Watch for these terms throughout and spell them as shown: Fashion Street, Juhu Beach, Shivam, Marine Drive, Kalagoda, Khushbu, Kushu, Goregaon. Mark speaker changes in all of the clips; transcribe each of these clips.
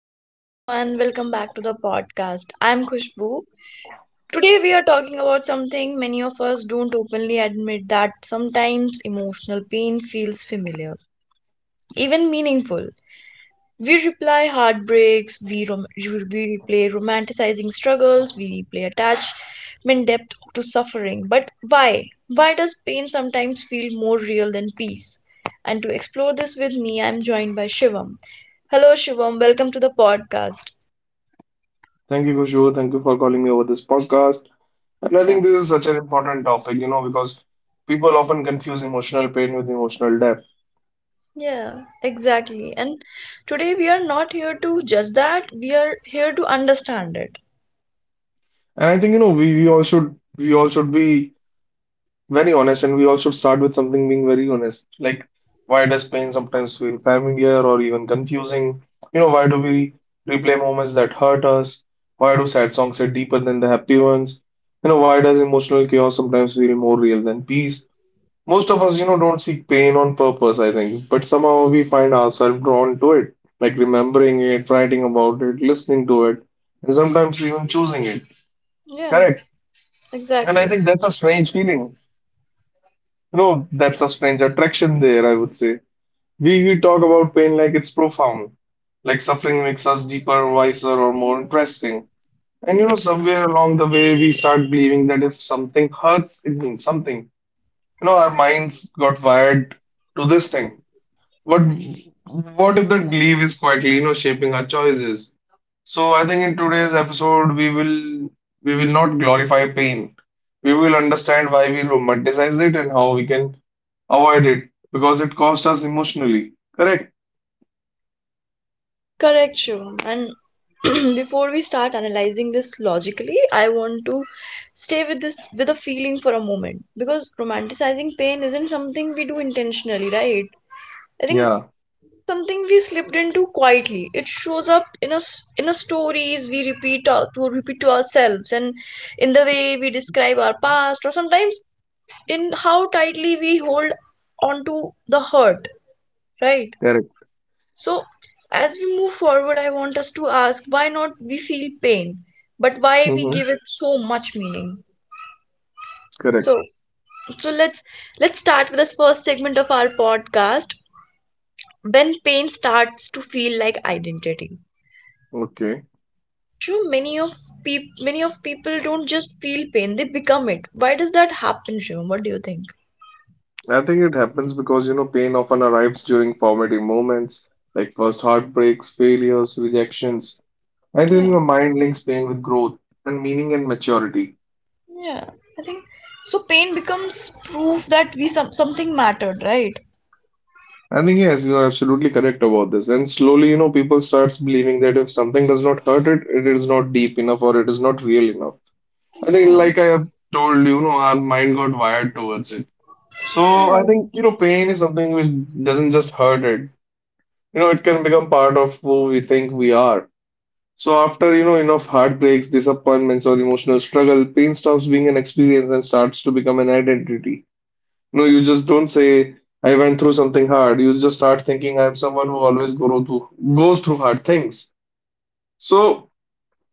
Speaker 1: Hello everyone, welcome back to the podcast. I'm Khushbu. Today we are talking about something many of us don't openly admit, that sometimes emotional pain feels familiar, even meaningful. We reply heartbreaks, we replay romanticizing struggles, we replay attachment depth to suffering. But why? Why does pain sometimes feel more real than peace? And to explore this with me, I'm joined by Shivam. Hello Shivam, welcome to the podcast.
Speaker 2: Thank you, Kushu. Thank you for calling me over this podcast. And I
Speaker 1: Yeah.
Speaker 2: think this is such an important topic, you know, because people often confuse emotional pain with emotional depth.
Speaker 1: Yeah, exactly. And today we are not here to judge that, we are here to understand it.
Speaker 2: And I think, you know, we all should be very honest, and we all should start with something being very honest. Like, why does pain sometimes feel familiar or even confusing? You know, why do we replay moments that hurt us? Why do sad songs hit deeper than the happy ones? You know, why does emotional chaos sometimes feel more real than peace? Most of us, you know, don't seek pain on purpose, I think, but somehow we find ourselves drawn to it, like remembering it, writing about it, listening to it, and sometimes even choosing it.
Speaker 1: Yeah,
Speaker 2: Correct. And I
Speaker 1: exactly.
Speaker 2: think that's a strange feeling. You know, that's a strange attraction there, I would say. We talk about pain like it's profound, like suffering makes us deeper, wiser, or more interesting. And you know, somewhere along the way, we start believing that if something hurts, it means something. You know, our minds got wired to this thing. But what if that belief is quietly, you know, shaping our choices? So I think in today's episode we will not glorify pain. We will understand why we romanticize it and how we can avoid it because it costs us emotionally. Correct?
Speaker 1: Correct, Shivam. And before we start analyzing this logically, I want to stay with this with a feeling for a moment, because romanticizing pain isn't something we do intentionally, right? I think
Speaker 2: Yeah,
Speaker 1: something we slipped into quietly. It shows up in us in a stories we repeat to ourselves and in the way we describe our past, or sometimes in how tightly we hold onto the hurt, right?
Speaker 2: correct.
Speaker 1: So, as we move forward, I want us to ask why not we feel pain, but why we
Speaker 2: Mm-hmm.
Speaker 1: give it so much meaning.
Speaker 2: Correct.
Speaker 1: So, so let's start with this first segment of our podcast, when pain starts to feel like identity.
Speaker 2: Okay.
Speaker 1: Sure, many of people don't just feel pain; they become it. Why does that happen, Shivam? What do you think?
Speaker 2: I think it happens because you know pain often arrives during formative moments, like first heartbreaks, failures, rejections. I think
Speaker 1: Yeah.
Speaker 2: the mind links pain with growth and meaning and maturity.
Speaker 1: Yeah, I think so. Pain becomes proof that we something mattered, right?
Speaker 2: I think yes, you are absolutely correct about this. And slowly, you know, people starts believing that if something does not hurt it, it is not deep enough or it is not real enough. I think,
Speaker 1: Yeah,
Speaker 2: like I have told you, know, our mind got wired towards it. So
Speaker 1: yeah,
Speaker 2: I think, you know, pain is something which doesn't just hurt it. You know, it can become part of who we think we are. So after, you know, enough heartbreaks, disappointments, or emotional struggle, pain stops being an experience and starts to become an identity. No, you just don't say, I went through something hard. You just start thinking, I'm someone who always goes through hard things. So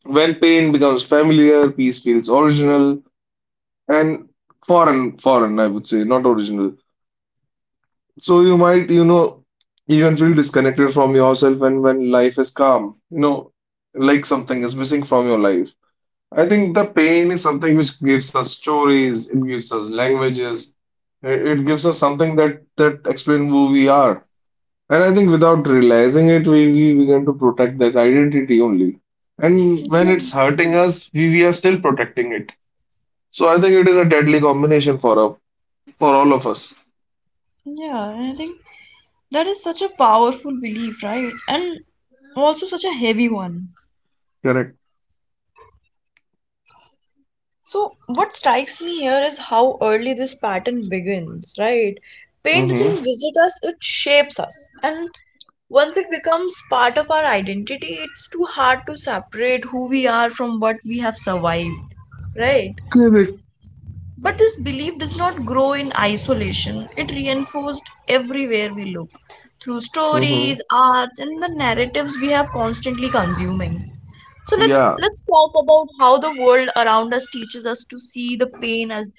Speaker 2: when pain becomes familiar, peace feels original and foreign, foreign, I would say, not original. So you might, you know, even feel disconnected from yourself and when life is calm, you know, like something is missing from your life. I think the pain is something which gives us stories, it gives us languages, it gives us something that explain who we are. And I think without realizing it, we begin to protect that identity only. And
Speaker 1: yeah,
Speaker 2: when it's hurting us, we are still protecting it. So I think it is a deadly combination for us, for all of us.
Speaker 1: yeah. And I think that is such a powerful belief, right? And also such a heavy one.
Speaker 2: Correct.
Speaker 1: So, what strikes me here is how early this pattern begins, right? Pain
Speaker 2: Mm-hmm.
Speaker 1: doesn't visit us, it shapes us. And once it becomes part of our identity, it's too hard to separate who we are from what we have survived, right?
Speaker 2: Correct.
Speaker 1: But this belief does not grow in isolation. It reinforced everywhere we look, through
Speaker 2: Mm-hmm.
Speaker 1: stories, arts, and the narratives we have constantly consuming. So let's
Speaker 2: Yeah.
Speaker 1: let's talk about how the world around us teaches us to see the pain as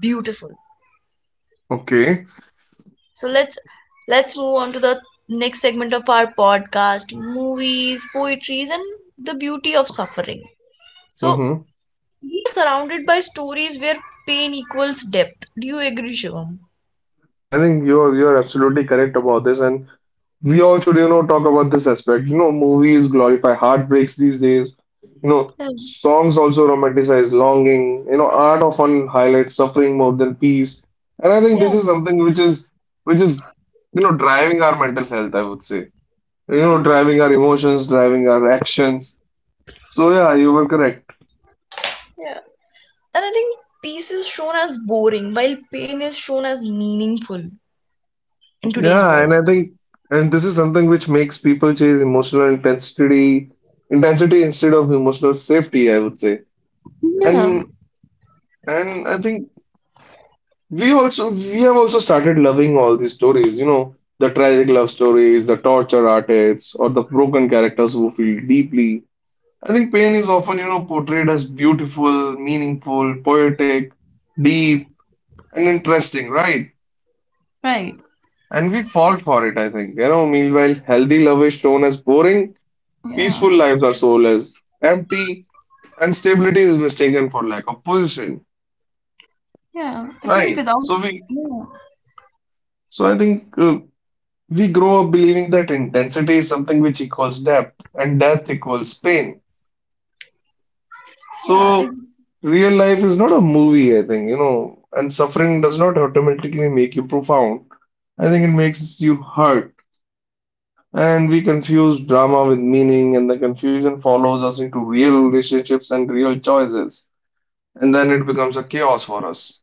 Speaker 1: beautiful.
Speaker 2: Okay.
Speaker 1: So let's move on to the next segment of our podcast, movies, poetries, and the beauty of suffering. So
Speaker 2: Mm-hmm.
Speaker 1: we are surrounded by stories where pain equals depth. Do you agree, Shivam?
Speaker 2: I think you're absolutely correct about this. And we all should, you know, talk about this aspect. You know, movies glorify heartbreaks these days. You know, songs also romanticize longing. You know, art often highlights suffering more than peace. And I think
Speaker 1: Yeah.
Speaker 2: this is something which is, you know, driving our mental health, I would say. You know,
Speaker 1: Mm,
Speaker 2: driving our emotions, driving our actions. So yeah, you were correct.
Speaker 1: yeah. And I think peace is shown as boring while pain is shown as meaningful in today's
Speaker 2: Yeah,
Speaker 1: world.
Speaker 2: and I think, and this is something which makes people chase emotional intensity, intensity instead of emotional safety, I would say.
Speaker 1: Yeah,
Speaker 2: And and I think we have also started loving all these stories, you know, the tragic love stories, the torture artists, or the broken characters who feel deeply. I think pain is often, you know, portrayed as beautiful, meaningful, poetic, deep, and interesting, right?
Speaker 1: right.
Speaker 2: And we fall for it, I think. You know, meanwhile, healthy love is shown as boring,
Speaker 1: Yeah.
Speaker 2: peaceful lives are soulless, empty, and stability is mistaken for lack of position,
Speaker 1: Yeah. I think
Speaker 2: right?
Speaker 1: without
Speaker 2: So we,
Speaker 1: yeah.
Speaker 2: so I think. We grow up believing that intensity is something which equals depth and death equals pain.
Speaker 1: Yeah.
Speaker 2: So, real life is not a movie, I think, you know, and suffering does not automatically make you profound. I think it makes you hurt. And we confuse drama with meaning, and the confusion follows us into real relationships and real choices. And then it becomes a chaos for us.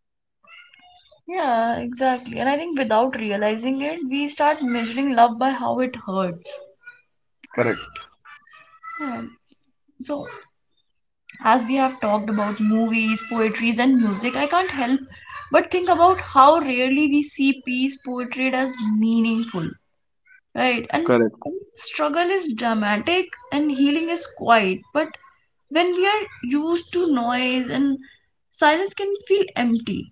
Speaker 1: Exactly. And I think without realizing it, we start measuring love by how it hurts.
Speaker 2: Correct,
Speaker 1: Yeah. So, as we have talked about movies, poetries and music, I can't help but think about how rarely we see peace portrayed as meaningful. Right. And I
Speaker 2: correct,
Speaker 1: think struggle is dramatic and healing is quiet, but when we are used to noise and silence can feel empty.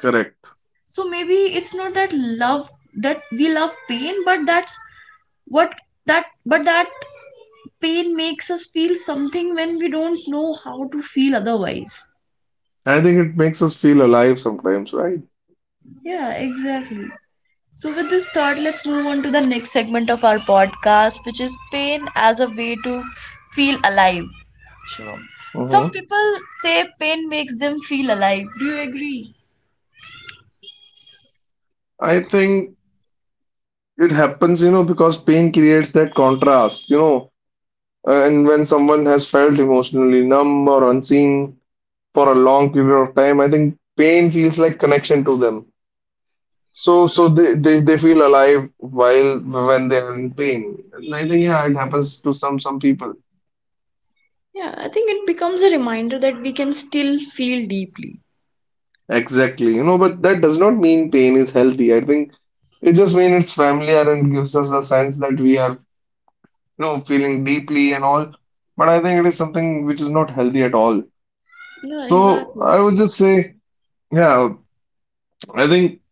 Speaker 2: correct.
Speaker 1: So maybe it's not that love that we love pain, what but that pain makes us feel something when we don't know how to feel otherwise.
Speaker 2: I think it makes us feel alive sometimes, right?
Speaker 1: Yeah, exactly. So with this thought, let's move on to the next segment of our podcast, which is pain as a way to feel alive. Sure. Some
Speaker 2: hmm
Speaker 1: people say pain makes them feel alive. Do you agree?
Speaker 2: I think it happens, you know, because pain creates that contrast, you know, and when someone has felt emotionally numb or unseen for a long period of time, I think pain feels like connection to them. So, so they feel alive while when they are in pain. And I think yeah, it happens to some people.
Speaker 1: Yeah, I think it becomes a reminder that we can still feel deeply.
Speaker 2: Exactly, you know, but that does not mean pain is healthy. I think it just means it's familiar and gives us a sense that we are, you know, feeling deeply and all. But I think it is something which is not healthy at all.
Speaker 1: Yeah,
Speaker 2: So
Speaker 1: exactly.
Speaker 2: I would just say, yeah, I think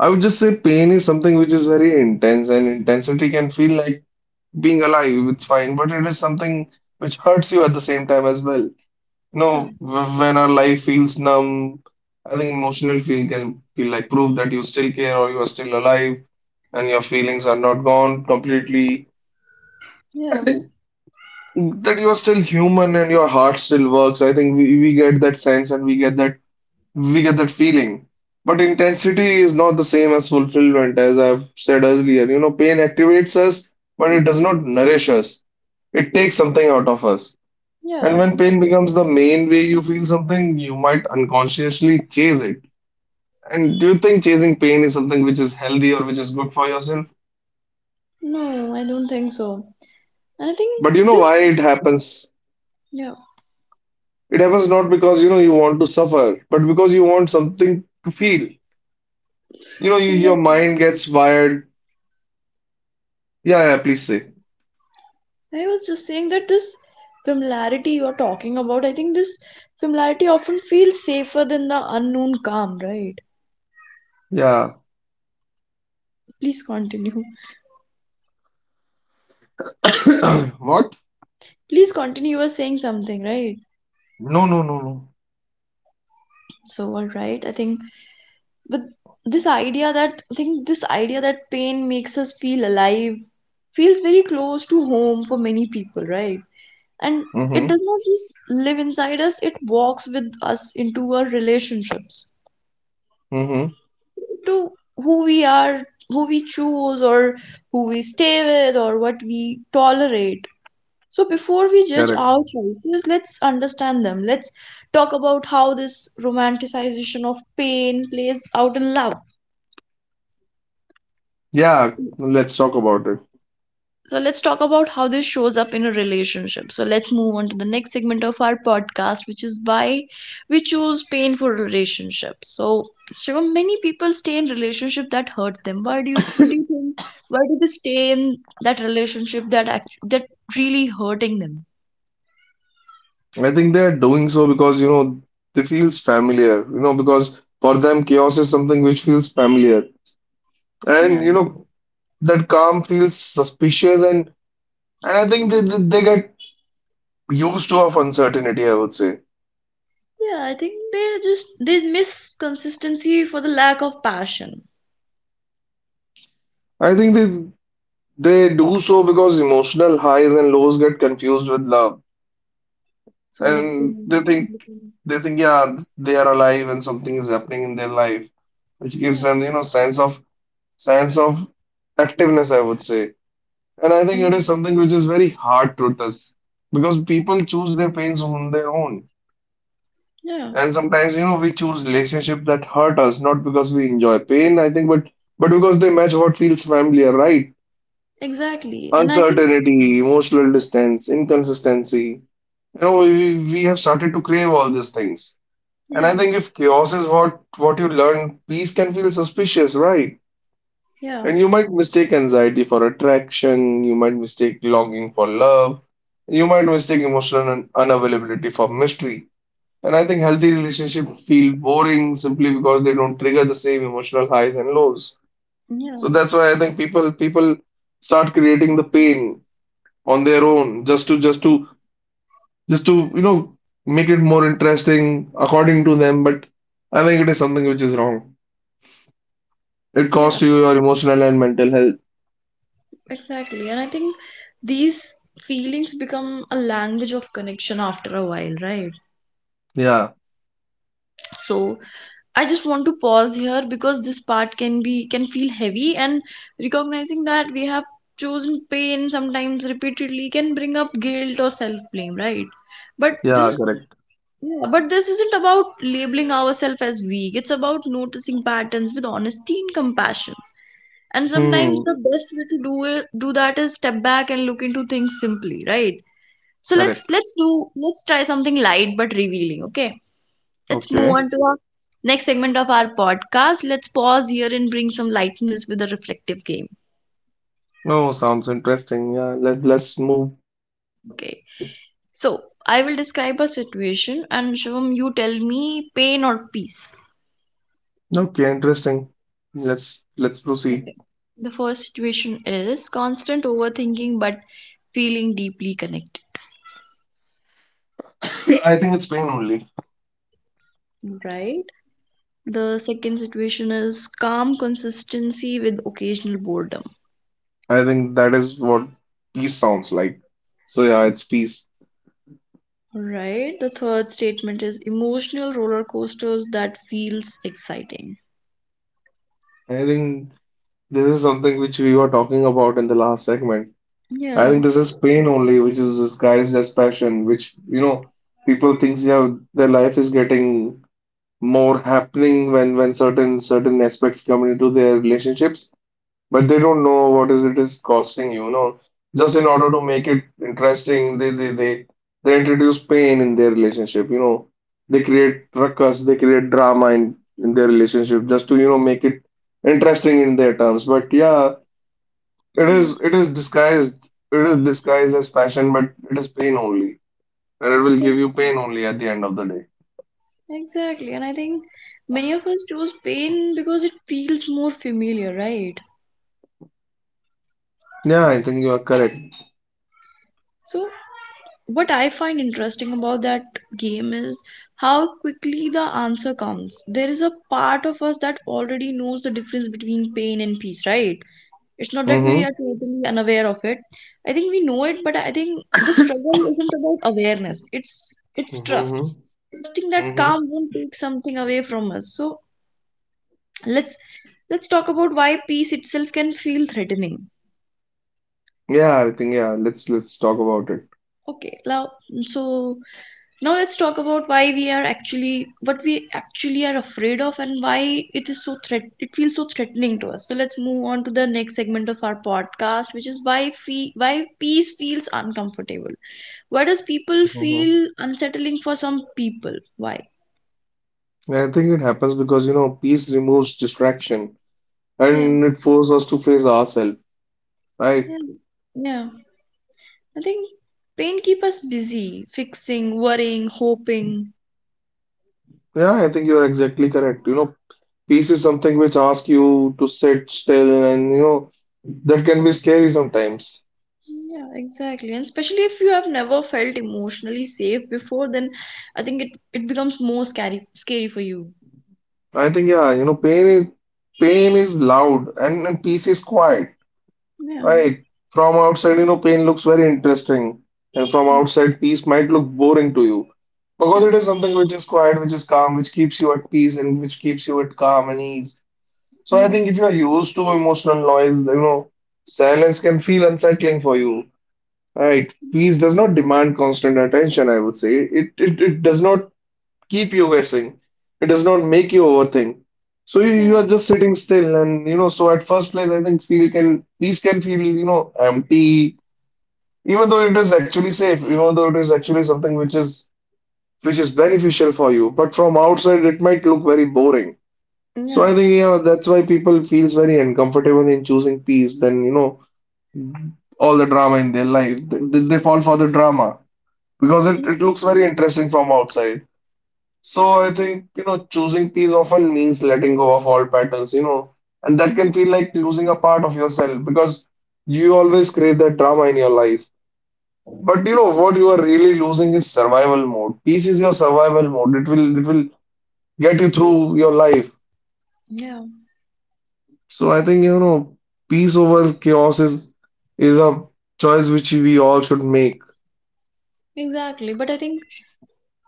Speaker 2: I would just say pain is something which is very intense, and intensity can feel like being alive, it's fine, but it is something which hurts you at the same time as well.
Speaker 1: Yeah.
Speaker 2: No, when our life feels numb, I think emotional feel can feel like proof that you still care or you are still alive and your feelings are not gone completely,
Speaker 1: Yeah,
Speaker 2: that you are still human and your heart still works. I think we get that sense and we get that feeling. But intensity is not the same as fulfillment, as I've said earlier. You know, pain activates us, but it does not nourish us. It takes something out of us. And
Speaker 1: yeah.
Speaker 2: when pain becomes the main way you feel something, you might unconsciously chase it. And do you think chasing pain is something which is healthy or which is good for yourself?
Speaker 1: No, I don't think so. And I think
Speaker 2: But you know why
Speaker 1: this,
Speaker 2: it happens?
Speaker 1: yeah,
Speaker 2: It happens not because you know you want to suffer, but because you want something to feel. You know, you, your
Speaker 1: exactly.
Speaker 2: mind gets wired. Yeah, yeah, please say.
Speaker 1: I was just saying that this familiarity you're talking about, I think this familiarity often feels safer than the unknown calm, right?
Speaker 2: Yeah.
Speaker 1: Please continue.
Speaker 2: What?
Speaker 1: Please continue. You were saying something, right?
Speaker 2: No, no, no, no.
Speaker 1: So, all right, I think with this idea, that pain makes us feel alive feels very close to home for many people, right? And it
Speaker 2: Mm-hmm.
Speaker 1: does not just live inside us, it walks with us into our relationships,
Speaker 2: Mm-hmm.
Speaker 1: to who we are, who we choose, or who we stay with, or what we tolerate. So before we judge
Speaker 2: Correct.
Speaker 1: our choices, let's understand them. Let's talk about how this romanticization of pain plays out in love.
Speaker 2: Yeah,
Speaker 1: So
Speaker 2: let's talk about it.
Speaker 1: so let's talk about how this shows up in a relationship. So let's move on to the next segment of our podcast, which is why we choose painful relationships. So Shivam, many people stay in relationship that hurts them. Why do you what do you think? Why do they stay in that relationship that really hurting them?
Speaker 2: I think they're doing so because, you know, they feels familiar, you know, because for them chaos is something which feels familiar. And,
Speaker 1: Yeah.
Speaker 2: you know, that calm feels suspicious, and I think they get used to of uncertainty, I would say.
Speaker 1: Yeah, I think they just they miss consistency for the lack of passion.
Speaker 2: I think they do so because emotional highs and lows get confused with love.
Speaker 1: So the
Speaker 2: And they think yeah, they are alive and something is happening in their life, which gives
Speaker 1: yeah,
Speaker 2: them, you know, sense of activeness, I would say. And I think it is
Speaker 1: mm,
Speaker 2: something which is very hard to us because people choose their pains on their own.
Speaker 1: yeah,
Speaker 2: And sometimes, you know, we choose relationships that hurt us, not because we enjoy pain, I think, but because they match what feels familiar, right?
Speaker 1: exactly. And I think
Speaker 2: Uncertainty, emotional distance, inconsistency. You know, we have started to crave all these things. And
Speaker 1: yeah,
Speaker 2: I think if chaos is what you learn, peace can feel suspicious, right?
Speaker 1: yeah,
Speaker 2: And you might mistake anxiety for attraction, you might mistake longing for love, you might mistake emotional unavailability for mystery. And I think healthy relationships feel boring simply because they don't trigger the same emotional highs and lows.
Speaker 1: yeah,
Speaker 2: So that's why I think people start creating the pain on their own just to you know make it more interesting according to them. But I think it is something which is wrong. It
Speaker 1: yeah,
Speaker 2: costs you your emotional and mental health.
Speaker 1: exactly. And I think these feelings become a language of connection after a while, right?
Speaker 2: Yeah,
Speaker 1: So I just want to pause here, because this part can feel heavy, and recognizing that we have chosen pain sometimes repeatedly can bring up guilt or self blame, right? but this
Speaker 2: yeah,
Speaker 1: is yeah, but this isn't about labeling ourselves as weak, it's about noticing patterns with honesty and compassion. And sometimes
Speaker 2: correct.
Speaker 1: the best way to do that is step back and look into things simply, right? So let's
Speaker 2: Correct.
Speaker 1: let's do let's try something light but revealing. Okay, let's move
Speaker 2: Okay.
Speaker 1: on to our next segment of our podcast. Let's pause here and bring some lightness with a reflective game.
Speaker 2: No, sounds interesting. Yeah, let's move on to the game
Speaker 1: Okay.
Speaker 2: segment.
Speaker 1: So I will describe a situation and Shivam, you tell me pain or peace.
Speaker 2: Okay, interesting. Let's
Speaker 1: Okay.
Speaker 2: proceed.
Speaker 1: The first situation is constant overthinking but feeling deeply connected.
Speaker 2: I think it's pain only.
Speaker 1: Right. The second situation is calm consistency with occasional boredom.
Speaker 2: I think that is what peace sounds like. So yeah, it's peace.
Speaker 1: Right. The third statement is emotional roller coasters that feels exciting.
Speaker 2: I think this is something which we were talking about in the last segment. I
Speaker 1: Yeah.
Speaker 2: think this is pain only, which is disguised as passion, which you know people thinks yeah their life is getting more happening when certain aspects come into their relationships but they don't know what is it is costing you know just in order to make it interesting they introduce pain in their relationship, you know, they create ruckus, they create drama in their relationship just to you know make it interesting in their terms, but yeah it
Speaker 1: Yeah.
Speaker 2: is it is disguised as passion but it is pain only and it will give you
Speaker 1: Exactly.
Speaker 2: pain only at the end of the day.
Speaker 1: Exactly. And I think many of us choose pain because it feels more familiar, right?
Speaker 2: Yeah, I think you are correct.
Speaker 1: So, what I find interesting about that game is how quickly the answer comes. There is a part of us that already knows the difference between pain and peace, right? It's not that we
Speaker 2: Mm-hmm.
Speaker 1: are totally unaware of it. I think we know it, but I think the struggle isn't about awareness. It's trust.
Speaker 2: Mm-hmm.
Speaker 1: Trusting that
Speaker 2: Mm-hmm.
Speaker 1: calm won't take something away from us. So let's let's talk about why peace itself can feel threatening.
Speaker 2: Yeah, I think yeah, let's talk about it.
Speaker 1: Okay, now, so now let's talk about why we are actually, what we actually are afraid of, and why it is so threat, it feels so threatening to us. So let's move on to the next segment of our podcast, which is why peace feels uncomfortable. Why does people feel
Speaker 2: Mhm.
Speaker 1: unsettling for some people? Why?
Speaker 2: I think it happens because, you know, peace removes distraction
Speaker 1: yeah
Speaker 2: and it forces us to face ourselves,
Speaker 1: yeah
Speaker 2: right?
Speaker 1: yeah I think pain keep us busy fixing, worrying, hoping.
Speaker 2: Yeah, I think you're exactly correct. You know, peace is something which asks you to sit still and, you know, that can be scary sometimes.
Speaker 1: Yeah, exactly. And especially if you have never felt emotionally safe before, then I think it becomes more scary for you.
Speaker 2: I think, yeah, you know, pain is loud and, peace is quiet.
Speaker 1: Yeah.
Speaker 2: Right. From outside, you know, pain looks very interesting, and from
Speaker 1: Mm.
Speaker 2: outside, peace might look boring to you because
Speaker 1: Yeah.
Speaker 2: it is something which is quiet, which is calm, which keeps you at peace, and which keeps you at calm and ease. So I
Speaker 1: Yeah.
Speaker 2: think if you are used to emotional noise, you know, silence can feel unsettling for you, right? Peace does not demand constant attention, I would say. It does not keep you guessing. It does not make you overthink. So you,
Speaker 1: Yeah.
Speaker 2: you are just sitting still, and you know. So at first place, I think feel can these can feel you know empty, even though it is actually safe, even though it is actually something which is beneficial for you. But from outside, it might look very boring. So
Speaker 1: Yeah.
Speaker 2: I think yeah, that's why people feels very uncomfortable in choosing peace. Then you know all the drama in their life. They fall for the drama because it,
Speaker 1: Mm.
Speaker 2: it looks very interesting from outside. So I think, you know, choosing peace often means letting go of all patterns, you know, and that can feel like losing a part of yourself because you always crave that drama in your life. But you know
Speaker 1: Ex-
Speaker 2: what you are really losing is survival mode. Peace is your survival mode. It will get you through your life.
Speaker 1: Yeah.
Speaker 2: So I think, you know, peace over chaos is a choice which we all should make.
Speaker 1: Exactly. But I think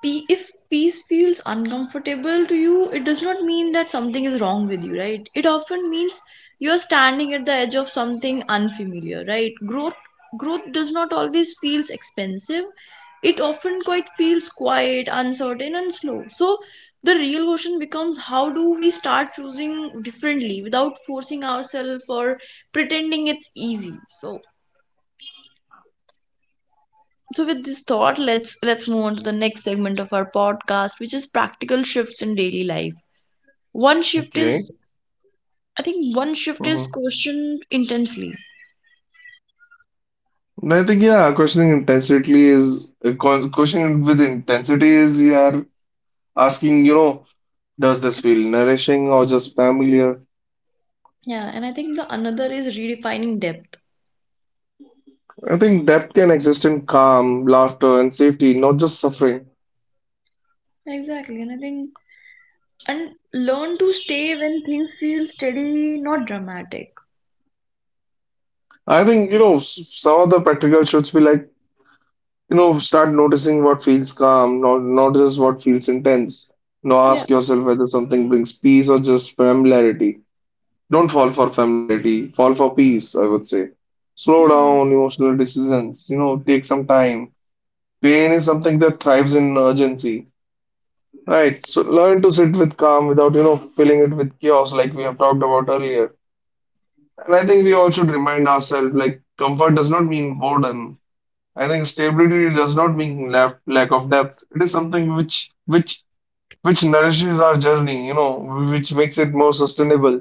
Speaker 1: if peace feels uncomfortable to you, it does not mean that something is wrong with you, right? It often means you're standing at the edge of something unfamiliar, right? Growth does not always feels expensive, it often quite feels quiet, uncertain and slow. So the real question becomes, how do we start choosing differently without forcing ourselves or pretending it's easy? So, so with this thought, let's move on to the next segment of our podcast, which is practical shifts in daily life. One shift
Speaker 2: Okay.
Speaker 1: is, I think one shift is
Speaker 2: Mm-hmm.
Speaker 1: questioned intensely.
Speaker 2: I think yeah, questioning intensity is questioning with intensity is yeah asking, you know, does this feel nourishing or just familiar?
Speaker 1: Yeah, and I think the another is redefining depth.
Speaker 2: I think depth can exist in calm, laughter, and safety, not just suffering.
Speaker 1: Exactly. And I think, and learn to stay when things feel steady, not dramatic.
Speaker 2: I think, you know, some of the practical should be like, you know, start noticing what feels calm, not just what feels intense. Now
Speaker 1: yeah
Speaker 2: ask yourself whether something brings peace or just familiarity. Don't fall for familiarity, fall for peace, I would say. Slow
Speaker 1: yeah
Speaker 2: down emotional decisions, you know, take some time. Pain is something that thrives in urgency. Right. So learn to sit with calm without, you know, filling it with chaos like we have talked about earlier. And I think we all should remind ourselves like comfort does not mean boredom. I think stability does not mean lack of depth. It is something which nourishes our journey, you know, which makes it more sustainable.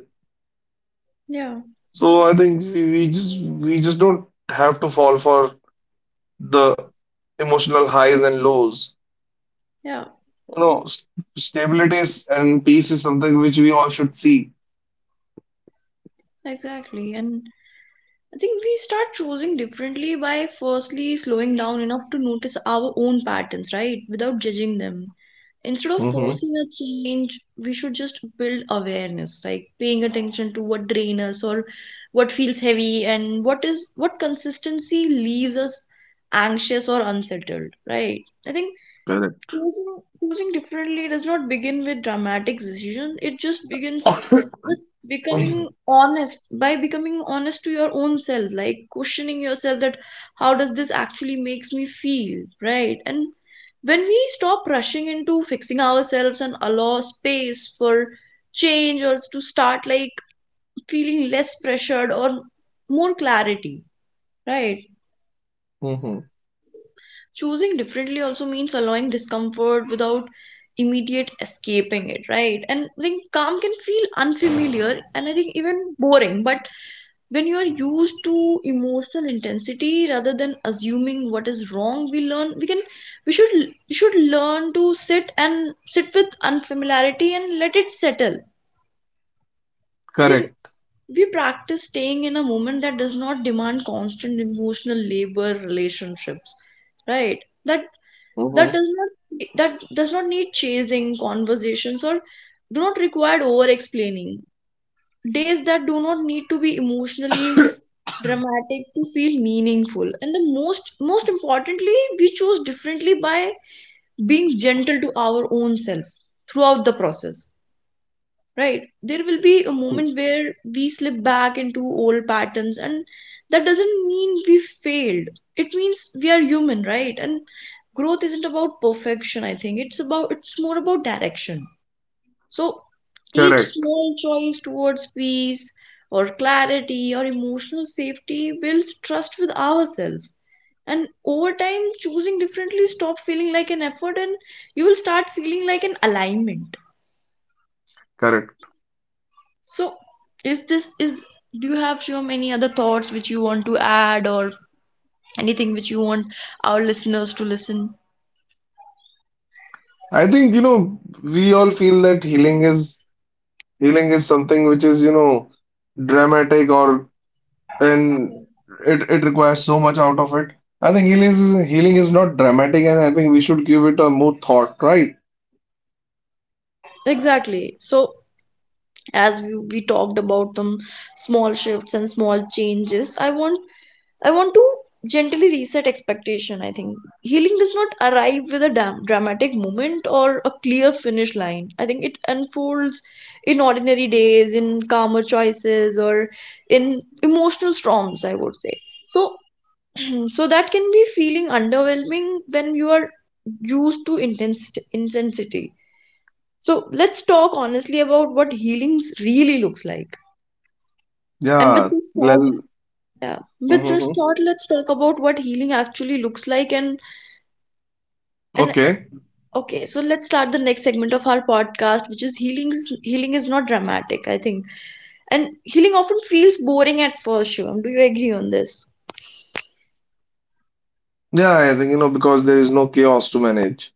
Speaker 1: yeah
Speaker 2: So I think we just don't have to fall for the emotional highs and lows.
Speaker 1: yeah
Speaker 2: You know, st stability is- and peace is something which we all should see.
Speaker 1: Exactly. And I think we start choosing differently by firstly slowing down enough to notice our own patterns, right, without judging them. Instead of
Speaker 2: Mm-hmm.
Speaker 1: forcing a change, we should just build awareness, like paying attention to what drains us, or what feels heavy, and what is what consistency leaves us anxious or unsettled, right? I think
Speaker 2: Correct.
Speaker 1: choosing differently does not begin with dramatic decision. It just begins with becoming honest, by becoming honest to your own self, like questioning yourself that how does this actually makes me feel, right? And when we stop rushing into fixing ourselves and allow space for change, or to start like feeling less pressured, or more clarity, right?
Speaker 2: Mm-hmm.
Speaker 1: Choosing differently also means allowing discomfort without immediate escaping it, right? And I think calm can feel unfamiliar and I think even boring. But when you are used to emotional intensity, rather than assuming what is wrong, we learn we can we should learn to sit and sit with unfamiliarity and let it settle. I think
Speaker 2: Correct.
Speaker 1: we practice staying in a moment that does not demand constant emotional labor relationships, right? That that
Speaker 2: Mm-hmm.
Speaker 1: does not that does not need chasing conversations or do not require over explaining, days that do not need to be emotionally dramatic to feel meaningful. And the most importantly, we choose differently by being gentle to our own self throughout the process. Right, there will be a moment where we slip back into old patterns, and that doesn't mean we failed. It means we are human, right? And growth isn't about perfection. I think it's about it's more about direction. So each
Speaker 2: Correct.
Speaker 1: small choice towards peace or clarity or emotional safety builds trust with ourselves, and over time choosing differently stop feeling like an effort and you will start feeling like an alignment.
Speaker 2: Correct.
Speaker 1: So, is this is do you have, Shivam, any other thoughts which you want to add or anything which you want our listeners to listen?
Speaker 2: I think, you know, we all feel that healing is something which is, you know, dramatic or and it requires so much out of it. I think healing is not dramatic, and I think we should give it a more thought, right?
Speaker 1: Exactly. So, as we talked about them small shifts and small changes, I want to gently reset expectation, I think. Healing does not arrive with a dramatic moment or a clear finish line. I think it unfolds in ordinary days, in calmer choices or in emotional storms, I would say. So so that can be feeling underwhelming when you are used to intense intensity. So let's talk honestly about what healings really looks like. And with
Speaker 2: Yeah.
Speaker 1: this thought,
Speaker 2: Well,
Speaker 1: yeah, with this
Speaker 2: mm-hmm.
Speaker 1: thought, let's talk about what healing actually looks like. And
Speaker 2: Okay.
Speaker 1: okay, so let's start the next segment of our podcast, which is healing. Healing is not dramatic, I think. And healing often feels boring at first. Shivam, do you agree on this?
Speaker 2: Yeah, I think, you know, because there is no chaos to manage.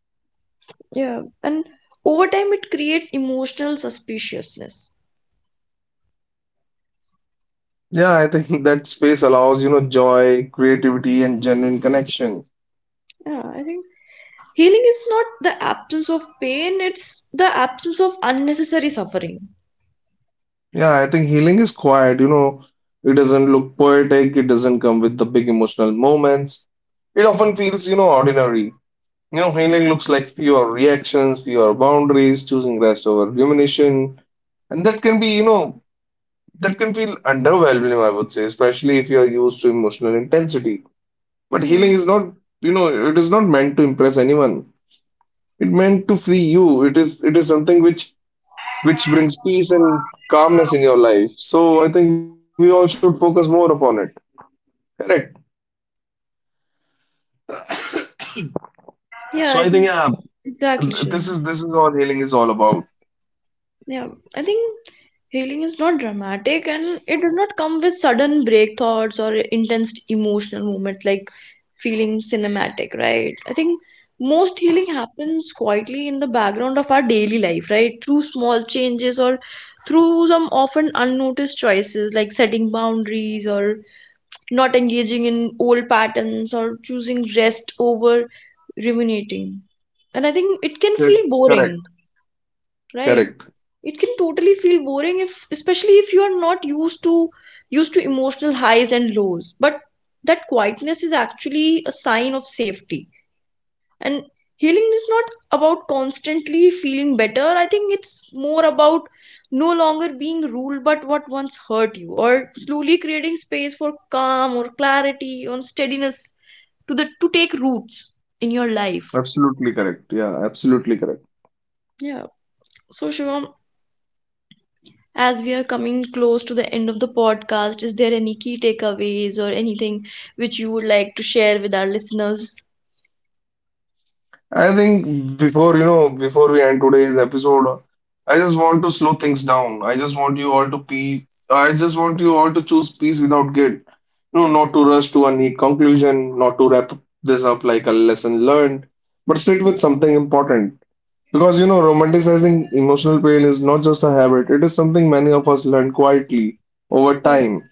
Speaker 1: Yeah. And over time it creates emotional suspiciousness.
Speaker 2: Yeah, I think that space allows, you know, joy, creativity, and genuine connection.
Speaker 1: Yeah, I think healing is not the absence of pain, it's the absence of unnecessary suffering.
Speaker 2: Yeah, I think healing is quiet, you know. It doesn't look poetic, it doesn't come with the big emotional moments. It often feels, you know, ordinary. You know, healing looks like fewer reactions, fewer boundaries, choosing rest over rumination. And that can be, you know, that can feel underwhelming, I would say, especially if you're used to emotional intensity. But
Speaker 1: You
Speaker 2: healing
Speaker 1: know.
Speaker 2: is not, you know, it is not meant to impress anyone. It meant to free you. It is something which brings peace and calmness in your life. So I think we all should focus more upon it. Correct. So I think
Speaker 1: Yeah, I
Speaker 2: yeah,
Speaker 1: think
Speaker 2: th-
Speaker 1: exactly,
Speaker 2: this is
Speaker 1: Shivam.
Speaker 2: this is all healing is all about.
Speaker 1: Yeah, I think healing is not dramatic and it does not come with sudden break thoughts or intense emotional moments like feeling cinematic, right? I think most healing happens quietly in the background of our daily life, right? Through small changes or through some often unnoticed choices, like setting boundaries or not engaging in old patterns or choosing rest over ruminating. And I think it can
Speaker 2: Cor-
Speaker 1: feel boring,
Speaker 2: Correct.
Speaker 1: right?
Speaker 2: Correct.
Speaker 1: It can totally feel boring, if especially if you are not used to emotional highs and lows. But that quietness is actually a sign of safety. And healing is not about constantly feeling better. I think it's more about no longer being ruled by what once hurt you, or slowly creating space for calm or clarity or steadiness to the to take roots in your life.
Speaker 2: Absolutely correct. Yeah, absolutely correct.
Speaker 1: Yeah. So Shivam, as we are coming close to the end of the podcast, is there any key takeaways or anything which you would like to share with our listeners?
Speaker 2: I think before you know before we end today's episode, I just want to slow things down. I just want you all to peace. I just want you all to choose peace without guilt. No, not to rush to a neat conclusion, not to wrap this up like a lesson learned, but sit with something important. Because you know, romanticizing emotional pain is not just a habit, it is something many of us learn quietly over
Speaker 1: Yeah,
Speaker 2: time.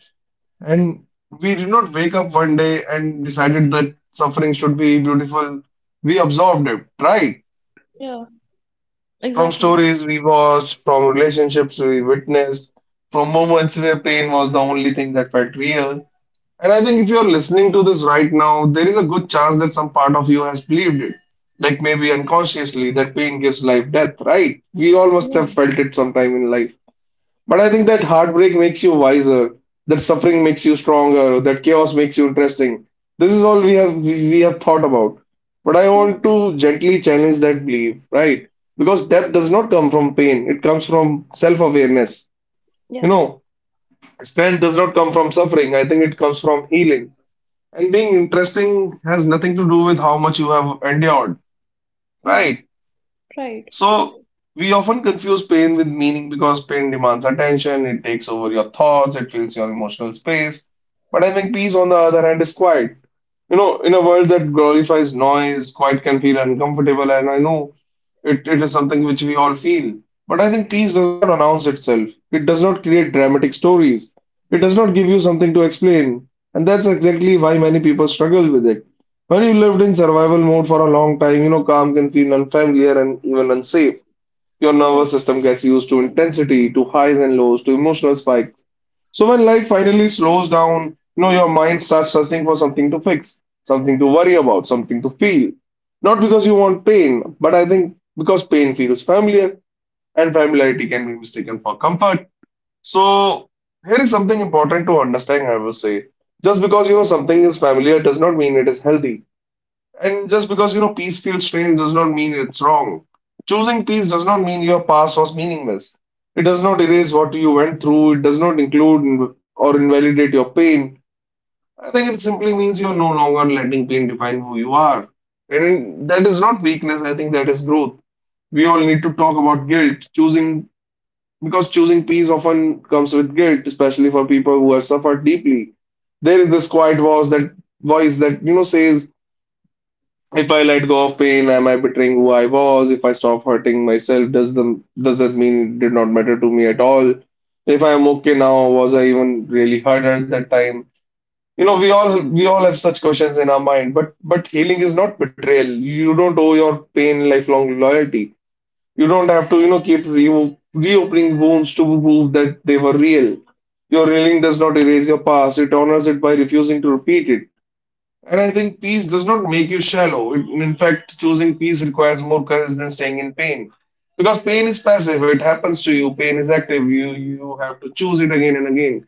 Speaker 2: And we did not wake up one day and decided that suffering should be beautiful. We absorbed it, right?
Speaker 1: yeah,
Speaker 2: From
Speaker 1: exactly.
Speaker 2: stories we watched, from relationships we witnessed, from moments where pain was the only thing that felt real. And I think if you're listening to this right now, there is a good chance that some part of you has believed it. Like maybe unconsciously, that pain gives life death, right? We all must
Speaker 1: Yeah,
Speaker 2: have felt it sometime in life. But I think that heartbreak makes you wiser, that suffering makes you stronger, that chaos makes you interesting. This is all we have thought about. But I
Speaker 1: yeah,
Speaker 2: want to gently challenge that belief, right? Because depth does not come from pain, it comes from self-awareness.
Speaker 1: yeah,
Speaker 2: You know, strength does not come from suffering. I think it comes from healing. And being interesting has nothing to do with how much you have endured,
Speaker 1: yeah,
Speaker 2: right?
Speaker 1: right.
Speaker 2: So we often confuse pain with meaning because pain demands attention, it takes over your thoughts, it fills your emotional space. But I think peace, on the other hand, is quiet. You know, in a world that glorifies noise, quiet can feel uncomfortable, and I know it is something which we all feel. But I think peace does not announce itself. It does not create dramatic stories. It does not give you something to explain. And that's exactly why many people struggle with it. When you lived in survival mode for a long time, you know, calm can feel unfamiliar and even unsafe. Your
Speaker 1: Yeah,
Speaker 2: nervous system gets used to intensity, to highs and lows, to emotional spikes. So when life finally slows down, you know, your mind starts searching for something to fix, something to worry about, something to feel. Not because you want pain, but I think because pain feels familiar and familiarity can be mistaken for comfort. So here is something important to understand, I would say. Just because you know something is familiar does not mean it is healthy. And just because you know peace feels strange does not mean it's wrong. Choosing peace does not mean your past was meaningless. It does not erase what you went through. It does not include in- or invalidate your pain. I think it simply means you're no longer letting pain define who you are. And that is not weakness. I think that is growth. We all need to talk about guilt. Choosing peace often comes with guilt, especially for people who have suffered deeply. There is this quiet voice that you know says, if I let go of pain, am I betraying who I was? If I stop hurting myself, does that mean it did not matter to me at all? If I am okay now, was I even really hurt at that time? You know, we all have such questions in our mind, but healing is not betrayal. You don't owe your pain lifelong loyalty. You don't have to, you know, keep re reopening wounds to prove that they were real. Your healing does not erase your past, it honors it by refusing to repeat it. And I think peace does not make you shallow. It, in fact, choosing peace requires more courage than staying in pain. Because pain is passive, it happens to you. Pain is active. You have to choose it again and again.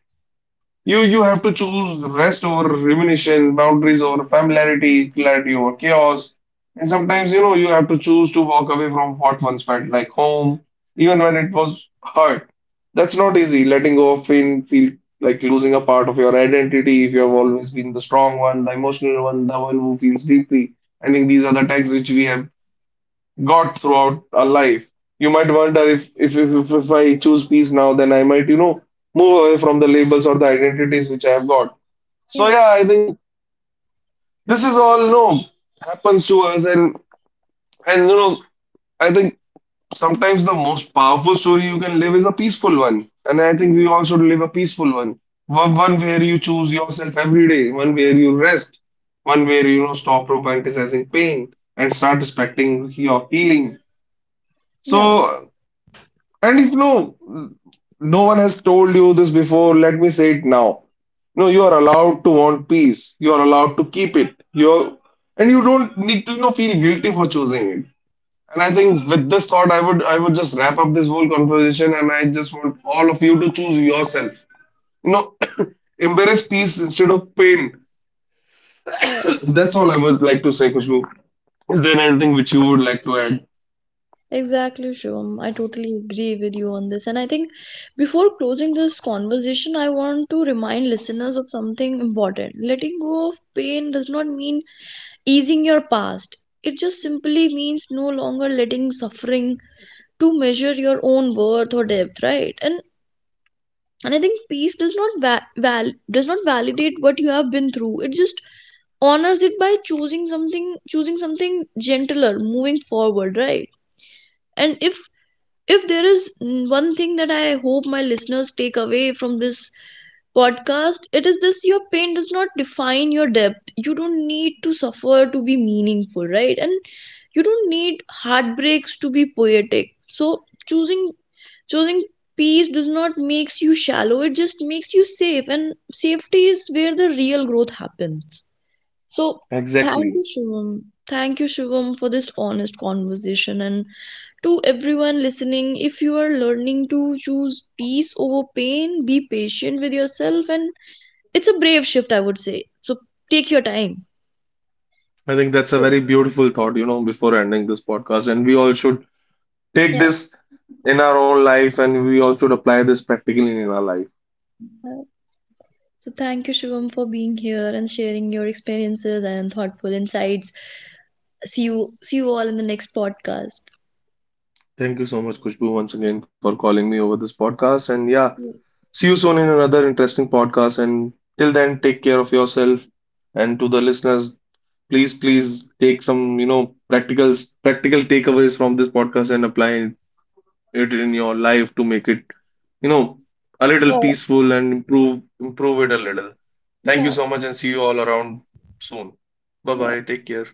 Speaker 2: You have to choose rest over rumination, boundaries over familiarity, clarity over chaos. And sometimes, you know, you have to choose to walk away from what once felt like home, even when it was hurt. That's not easy. Letting go of pain feel like losing a part of your identity if you have always been the strong one, the emotional one, the one who feels deeply. I think these are the tags which we have got throughout our life. You might wonder if I choose peace now, then I might, you know, move away from the labels or the identities which I have got. So
Speaker 1: yeah,
Speaker 2: yeah, I think this is all, you know, happens to us and you know, I think sometimes the most powerful story you can live is a peaceful one. And I think we all should live a peaceful one. One where you choose yourself every day, one where you rest, one where you know stop romanticizing pain and start respecting your healing.
Speaker 1: yeah,
Speaker 2: So and if no one has told you this before, let me say it now. No, you are allowed to want peace. You are allowed to keep it. You're, and you don't need to, you know, feel guilty for choosing it. And I think with this thought, I would just wrap up this whole conversation, and I just want all of you to choose yourself. You know, embrace peace instead of pain.
Speaker 1: yeah.
Speaker 2: That's all I would like to say, Kushbu. Is there anything which you would like to add?
Speaker 1: Exactly, Shivam. I totally agree with you on this. And I think before closing this conversation, I want to remind listeners of something important. Letting go of pain does not mean easing your past, it just simply means no longer letting suffering to measure your own worth or depth, right? And I think peace does not does not validate what you have been through. It just honors it by choosing something gentler moving forward, right? And if there is one thing that I hope my listeners take away from this podcast, it is this: your pain does not define your depth. You don't need to suffer to be meaningful, right? And you don't need heartbreaks to be poetic. So choosing peace does not makes you shallow, it just makes you safe. And safety is where the real growth happens. So thank
Speaker 2: Exactly.
Speaker 1: you, Shivam. Thank you, Shivam, for this honest conversation. And to everyone listening, if you are learning to choose peace over pain, be patient with yourself, and it's a brave shift, I would say. So take your time.
Speaker 2: I think that's a
Speaker 1: So
Speaker 2: very beautiful thought, you know, before ending this podcast. And we all should take
Speaker 1: yeah,
Speaker 2: this in our own life and we all should apply this practically in our life.
Speaker 1: uh, so thank you, Shivam, for being here and sharing your experiences and thoughtful insights. See you all in the next podcast.
Speaker 2: Thank you so much, Kushbu, once again for calling me over this podcast. And yeah,
Speaker 1: Yeah.
Speaker 2: see you soon in another interesting podcast. And till then, take care of yourself. And to the listeners, please take some, you know, practical takeaways from this podcast and apply it in your life to make it you know, a little peaceful and improve it a little. Thank you
Speaker 1: Yeah,
Speaker 2: so much and see you all around soon. Bye bye.
Speaker 1: yeah.
Speaker 2: Take care.